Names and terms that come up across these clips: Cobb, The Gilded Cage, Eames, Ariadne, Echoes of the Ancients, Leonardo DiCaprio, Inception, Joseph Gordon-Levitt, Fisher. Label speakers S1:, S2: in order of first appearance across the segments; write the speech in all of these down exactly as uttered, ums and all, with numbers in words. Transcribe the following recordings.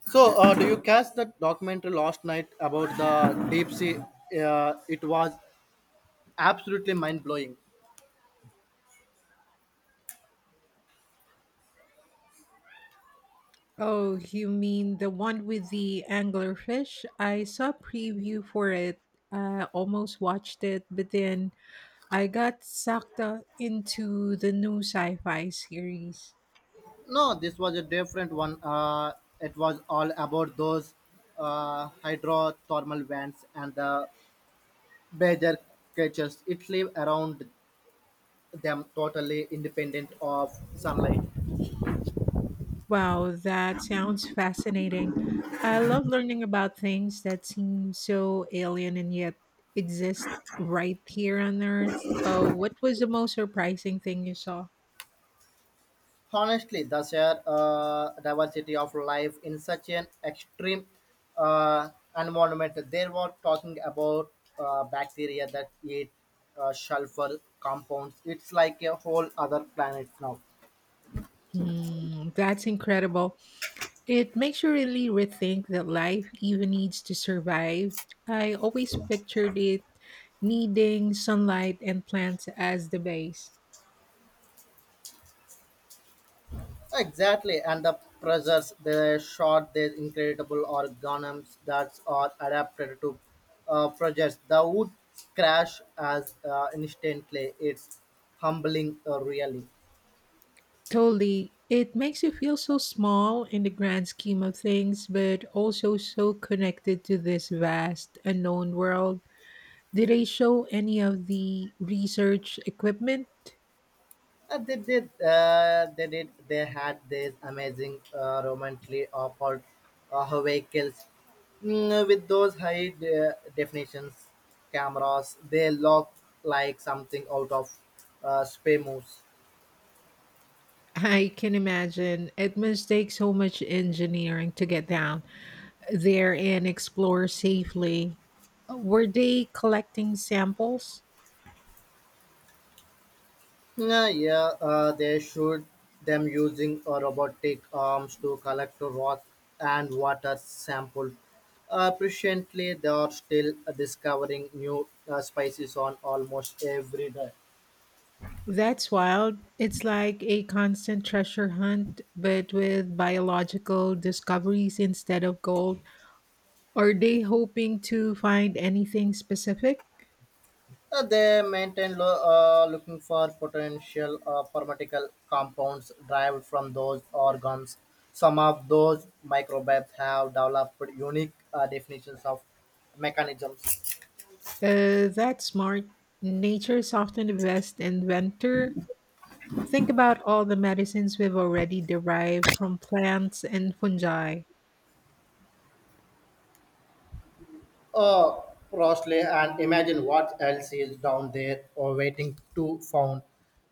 S1: So, uh, do you catch that documentary last night about the deep sea? Uh, it was absolutely mind blowing.
S2: Oh, you mean the one with the anglerfish? I saw a preview for it. I almost watched it, but then I got sucked uh, into the new sci-fi series.
S1: No, this was a different one. Uh, it was all about those uh, hydrothermal vents and the major creatures. It live around them totally independent of sunlight.
S2: Wow, that sounds fascinating. I love learning about things that seem so alien and yet exist right here on Earth. Oh, what was the most surprising thing you saw?
S1: Honestly, the sheer uh, diversity of life in such an extreme uh, environment, they were talking about uh, bacteria that eat uh, sulfur compounds. It's like a whole other planet now.
S2: Hmm, that's incredible. It makes you really rethink that life even needs to survive. I always pictured it needing sunlight and plants as the base.
S1: Exactly, and the pressures they shot, these incredible organisms that are adapted to uh, projects that would crash as uh, instantly. It's humbling, uh, really.
S2: Totally. It makes you feel so small in the grand scheme of things, but also so connected to this vast, unknown world. Did they show any of the research equipment?
S1: Uh, they did. Uh, they did. They had this amazing uh, romantically awful uh, vehicles mm, uh, with those high de- definitions cameras. They look like something out of uh, spy movies.
S2: I can imagine. It must take so much engineering to get down there and explore safely. Were they collecting samples?
S1: Yeah, yeah. Uh, they shoot them using uh, robotic arms to collect rock and water samples. Uh, presently, they are still discovering new uh, species on almost every day.
S2: That's wild. It's like a constant treasure hunt, but with biological discoveries instead of gold. Are they hoping to find anything specific?
S1: Uh, they maintain lo- uh, looking for potential uh, pharmaceutical compounds derived from those organs. Some of those microbes have developed unique uh, definitions of mechanisms.
S2: Uh, that's smart. Nature's often the best inventor. Think about all the medicines we've already derived from plants and fungi.
S1: Uh, Rossley, and imagine what else is down there or waiting to found.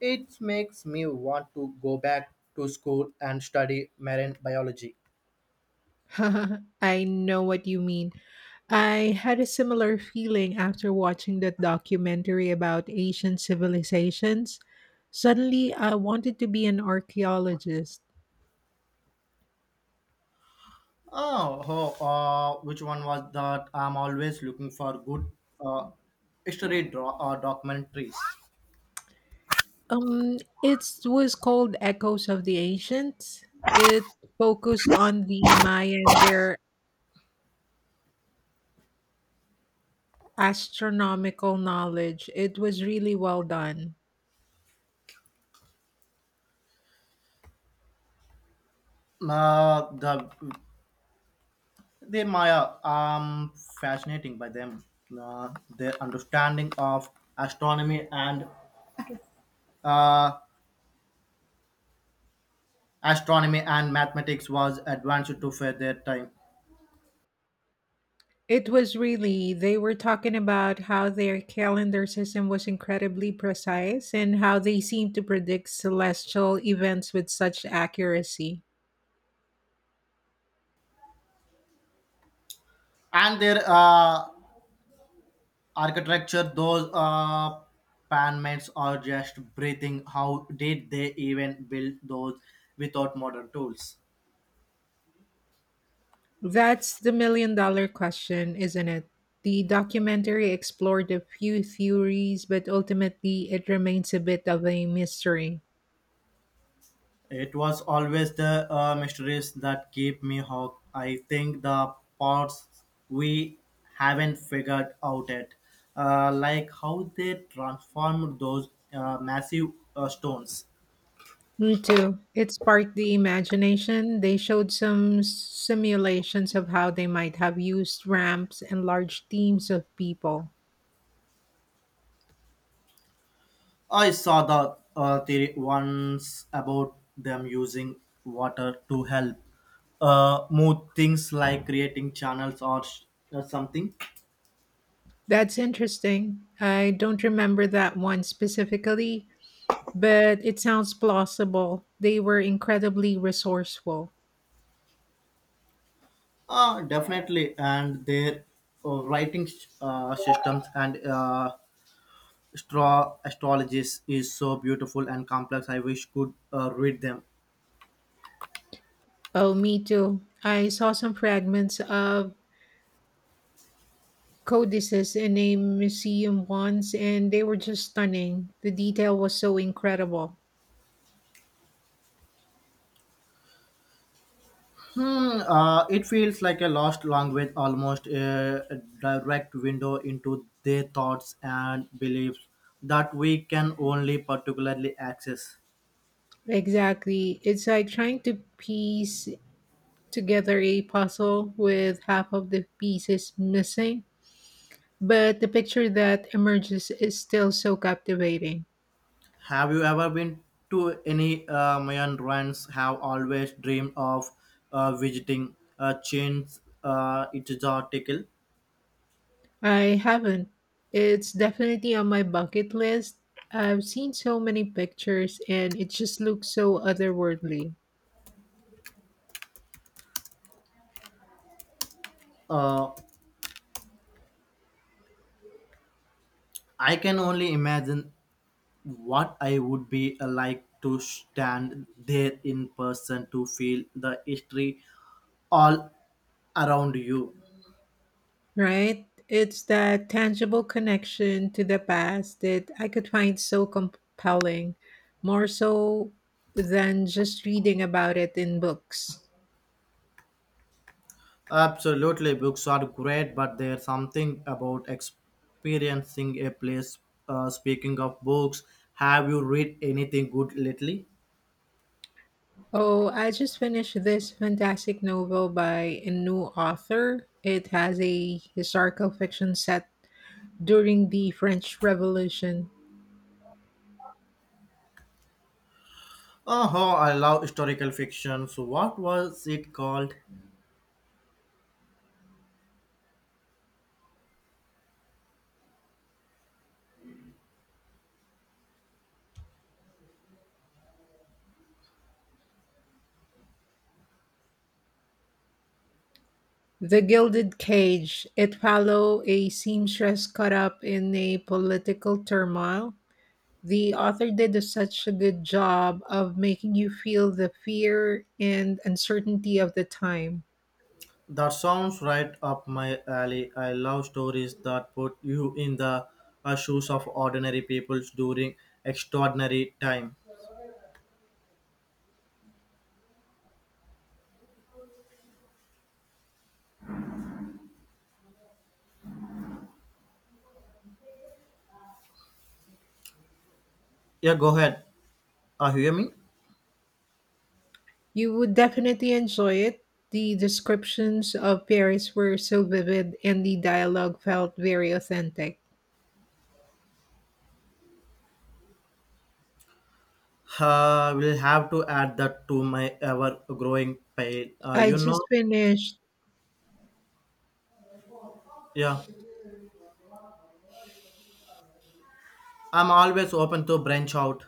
S1: It makes me want to go back to school and study marine biology.
S2: I know what you mean. I had a similar feeling after watching that documentary about Asian civilizations. Suddenly, I wanted to be an archaeologist.
S1: Oh, oh uh, which one was that? I'm always looking for good uh, history dro- uh, documentaries.
S2: Um, it was called Echoes of the Ancients. It focused on the Maya and their astronomical knowledge. It was really well done.
S1: Uh, the they my uh, um fascinating by them. Uh, their understanding of astronomy and uh, astronomy and mathematics was advanced to for their time,
S2: It was really, they were talking about how their calendar system was incredibly precise and how they seemed to predict celestial events with such accuracy.
S1: and their uh, architecture, those uh panmates are just breathing. How did they even build those without modern tools?
S2: That's the million dollar question, isn't it? The documentary explored a few theories, but ultimately it remains a bit of a mystery.
S1: It was always the uh, mysteries that keep me hooked. I think the parts we haven't figured out yet, uh, like how they transformed those uh, massive uh, stones.
S2: Me too. It sparked the imagination. They showed some simulations of how they might have used ramps and large teams of people.
S1: I saw the uh, theory once about them using water to help uh, move things, like creating channels or, sh- or something.
S2: That's interesting. I don't remember that one specifically, but it sounds plausible. They were incredibly resourceful.
S1: Uh, definitely, and their uh, writing uh, systems and uh, astro- astrologies is so beautiful and complex. I wish could uh, read them.
S2: Oh, me too. I saw some fragments of codices in a museum once, and they were just stunning. The detail was so incredible.
S1: Hmm, uh, it feels like a lost language, almost a direct window into their thoughts and beliefs that we can only particularly access.
S2: Exactly. It's like trying to piece together a puzzle with half of the pieces missing, but the picture that emerges is still so captivating.
S1: Have you ever been to any uh, Mayan ruins? Have always dreamed of uh, visiting uh, chains? Uh, it is article.
S2: I haven't. It's definitely on my bucket list. I've seen so many pictures, and it just looks so otherworldly.
S1: Uh, I can only imagine what I would be uh, like to stand there in person to feel the history all around you.
S2: Right? It's that tangible connection to the past that I could find so compelling, more so than just reading about it in books.
S1: Absolutely, books are great, but there's something about experiencing a place. Uh, speaking of books, have you read anything good lately?
S2: Oh, I just finished this fantastic novel by a new author. It has a historical fiction set during the French Revolution.
S1: Oh, I love historical fiction. So, what was it called?
S2: The Gilded Cage. It follow a seamstress caught up in a political turmoil. The author did a- such a good job of making you feel the fear and uncertainty of the time.
S1: That sounds right up my alley. I love stories that put you in the uh, shoes of ordinary people during extraordinary time. Yeah, go ahead. Uh, hear me?
S2: You would definitely enjoy it. The descriptions of Paris were so vivid and the dialogue felt very authentic.
S1: Uh, will have to add that to my ever growing pile. Uh,
S2: I
S1: you know,
S2: just finished.
S1: yeah, I'm always open to branch out.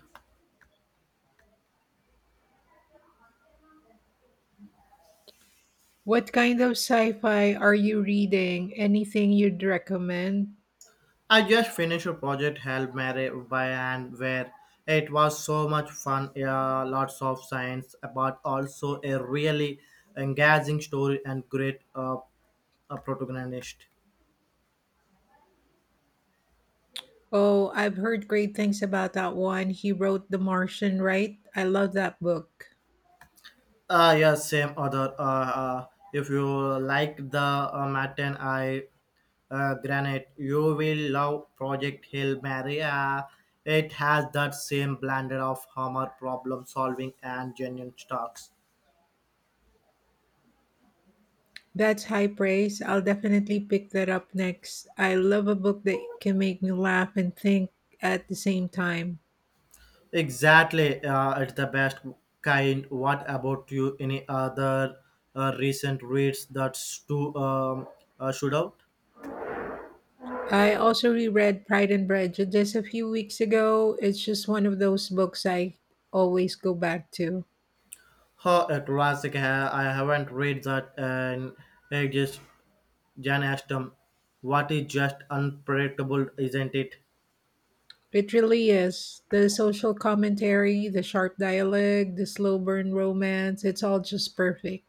S2: What kind of sci fi are you reading? Anything you'd recommend?
S1: I just finished a project held Mary by and where it was so much fun. Yeah, lots of science, but also a really engaging story and great, uh, a protagonist.
S2: Oh, I've heard great things about that one. He wrote The Martian, right? I love that book.
S1: Uh, yeah, same other. Uh, uh, if you like the uh, Martin I uh, granite, you will love Project Hill Maria. It has that same blended of humor, problem solving, and genuine talks.
S2: That's high praise. I'll definitely pick that up next. I love a book that can make me laugh and think at the same time.
S1: Exactly, uh, it's the best kind. What about you? Any other uh, recent reads that's too um, uh, should out?
S2: I also reread Pride and Prejudice just a few weeks ago. It's just one of those books I always go back to.
S1: Huh, a classic. uh, I haven't read that in ages. Jan asked, what is just unpredictable, isn't it?
S2: It really is. The social commentary, the sharp dialogue, the slow burn romance, it's all just perfect.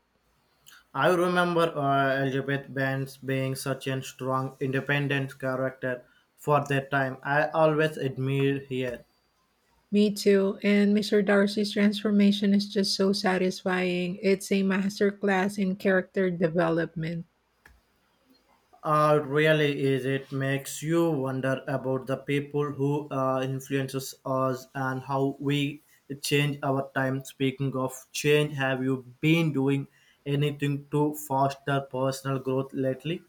S1: I remember uh, Elizabeth Banks being such a strong, independent character for that time. I always admire her.
S2: Me too. And mister Darcy's transformation is just so satisfying. It's a masterclass in character development.
S1: Uh, really is it makes you wonder about the people who uh, influences us and how we change our time. Speaking of change, have you been doing anything to foster personal growth lately?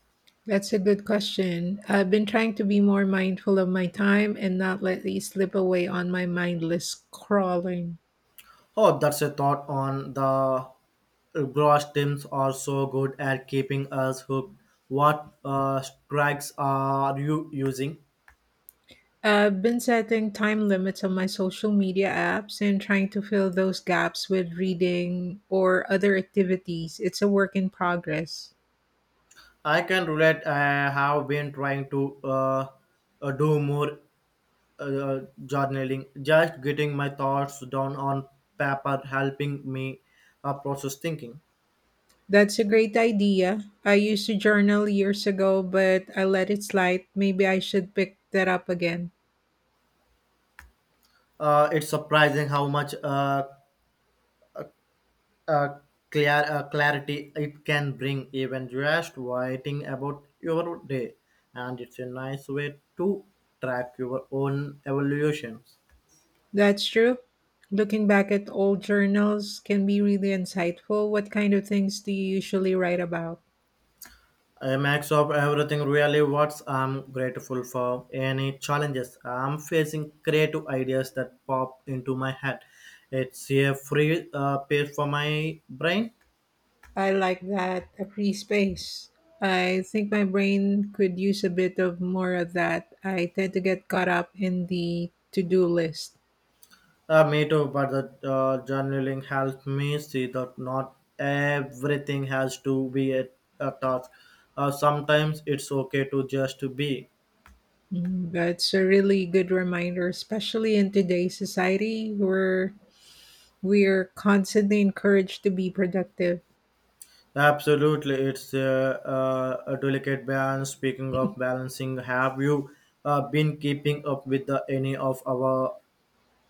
S2: That's a good question. I've been trying to be more mindful of my time and not let these slip away on my mindless scrolling.
S1: Oh, that's a thought on the gross teams are so good at keeping us hooked. What uh, strikes are you using?
S2: I've been setting time limits on my social media apps and trying to fill those gaps with reading or other activities. It's a work in progress.
S1: I can relate. I have been trying to uh, uh, do more uh, journaling, just getting my thoughts down on paper, helping me uh, process thinking.
S2: That's a great idea. I used to journal years ago, but I let it slide. Maybe I should pick that up again.
S1: Uh, it's surprising how much uh, uh, clear, uh, clarity it can bring, even just writing about your day. And it's a nice way to track your own evolutions.
S2: That's true. Looking back at old journals can be really insightful. What kind of things do you usually write about?
S1: A max of everything really what I'm grateful for. Any challenges I'm facing, creative ideas that pop into my head. It's a free uh, page for my brain.
S2: I like that, a free space. I think my brain could use a bit of more of that. I tend to get caught up in the to do list.
S1: Uh, me too, but the uh, journaling helped me see that not everything has to be a, a task. Uh, sometimes it's okay to just be.
S2: Mm, that's a really good reminder, especially in today's society where we're constantly encouraged to be productive.
S1: Absolutely, it's uh, uh, a delicate balance. Speaking of balancing, have you uh, been keeping up with the, any of our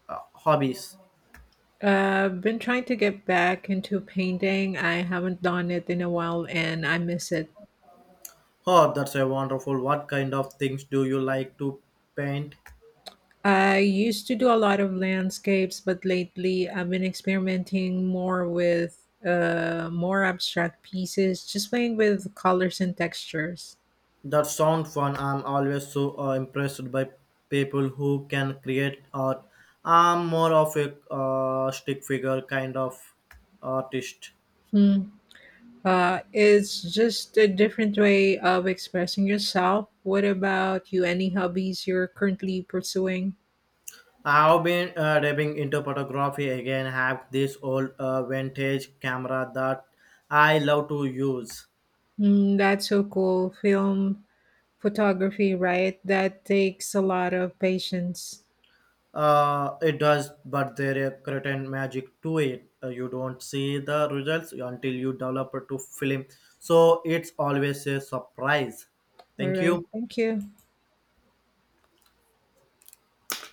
S1: uh, hobbies?
S2: Uh, I've been trying to get back into painting. I haven't done it in a while and I miss it.
S1: Oh, that's a wonderful. What kind of things do you like to paint?
S2: I used to do a lot of landscapes, but lately I've been experimenting more with uh, more abstract pieces, just playing with colors and textures.
S1: That sounds fun. I'm always so uh, impressed by people who can create art. I'm more of a uh, stick figure kind of artist.
S2: Hmm. Uh, it's just a different way of expressing yourself. What about you? Any hobbies you're currently pursuing?
S1: I've been uh, diving into photography again. Have this old uh, vintage camera that I love to use.
S2: Mm, that's so cool. Film photography, right? That takes a lot of patience.
S1: Uh, it does, but there is certain magic to it. Uh, you don't see the results until you develop to film. So it's always a surprise.
S2: All
S1: Thank
S2: right.
S1: you.
S2: Thank you.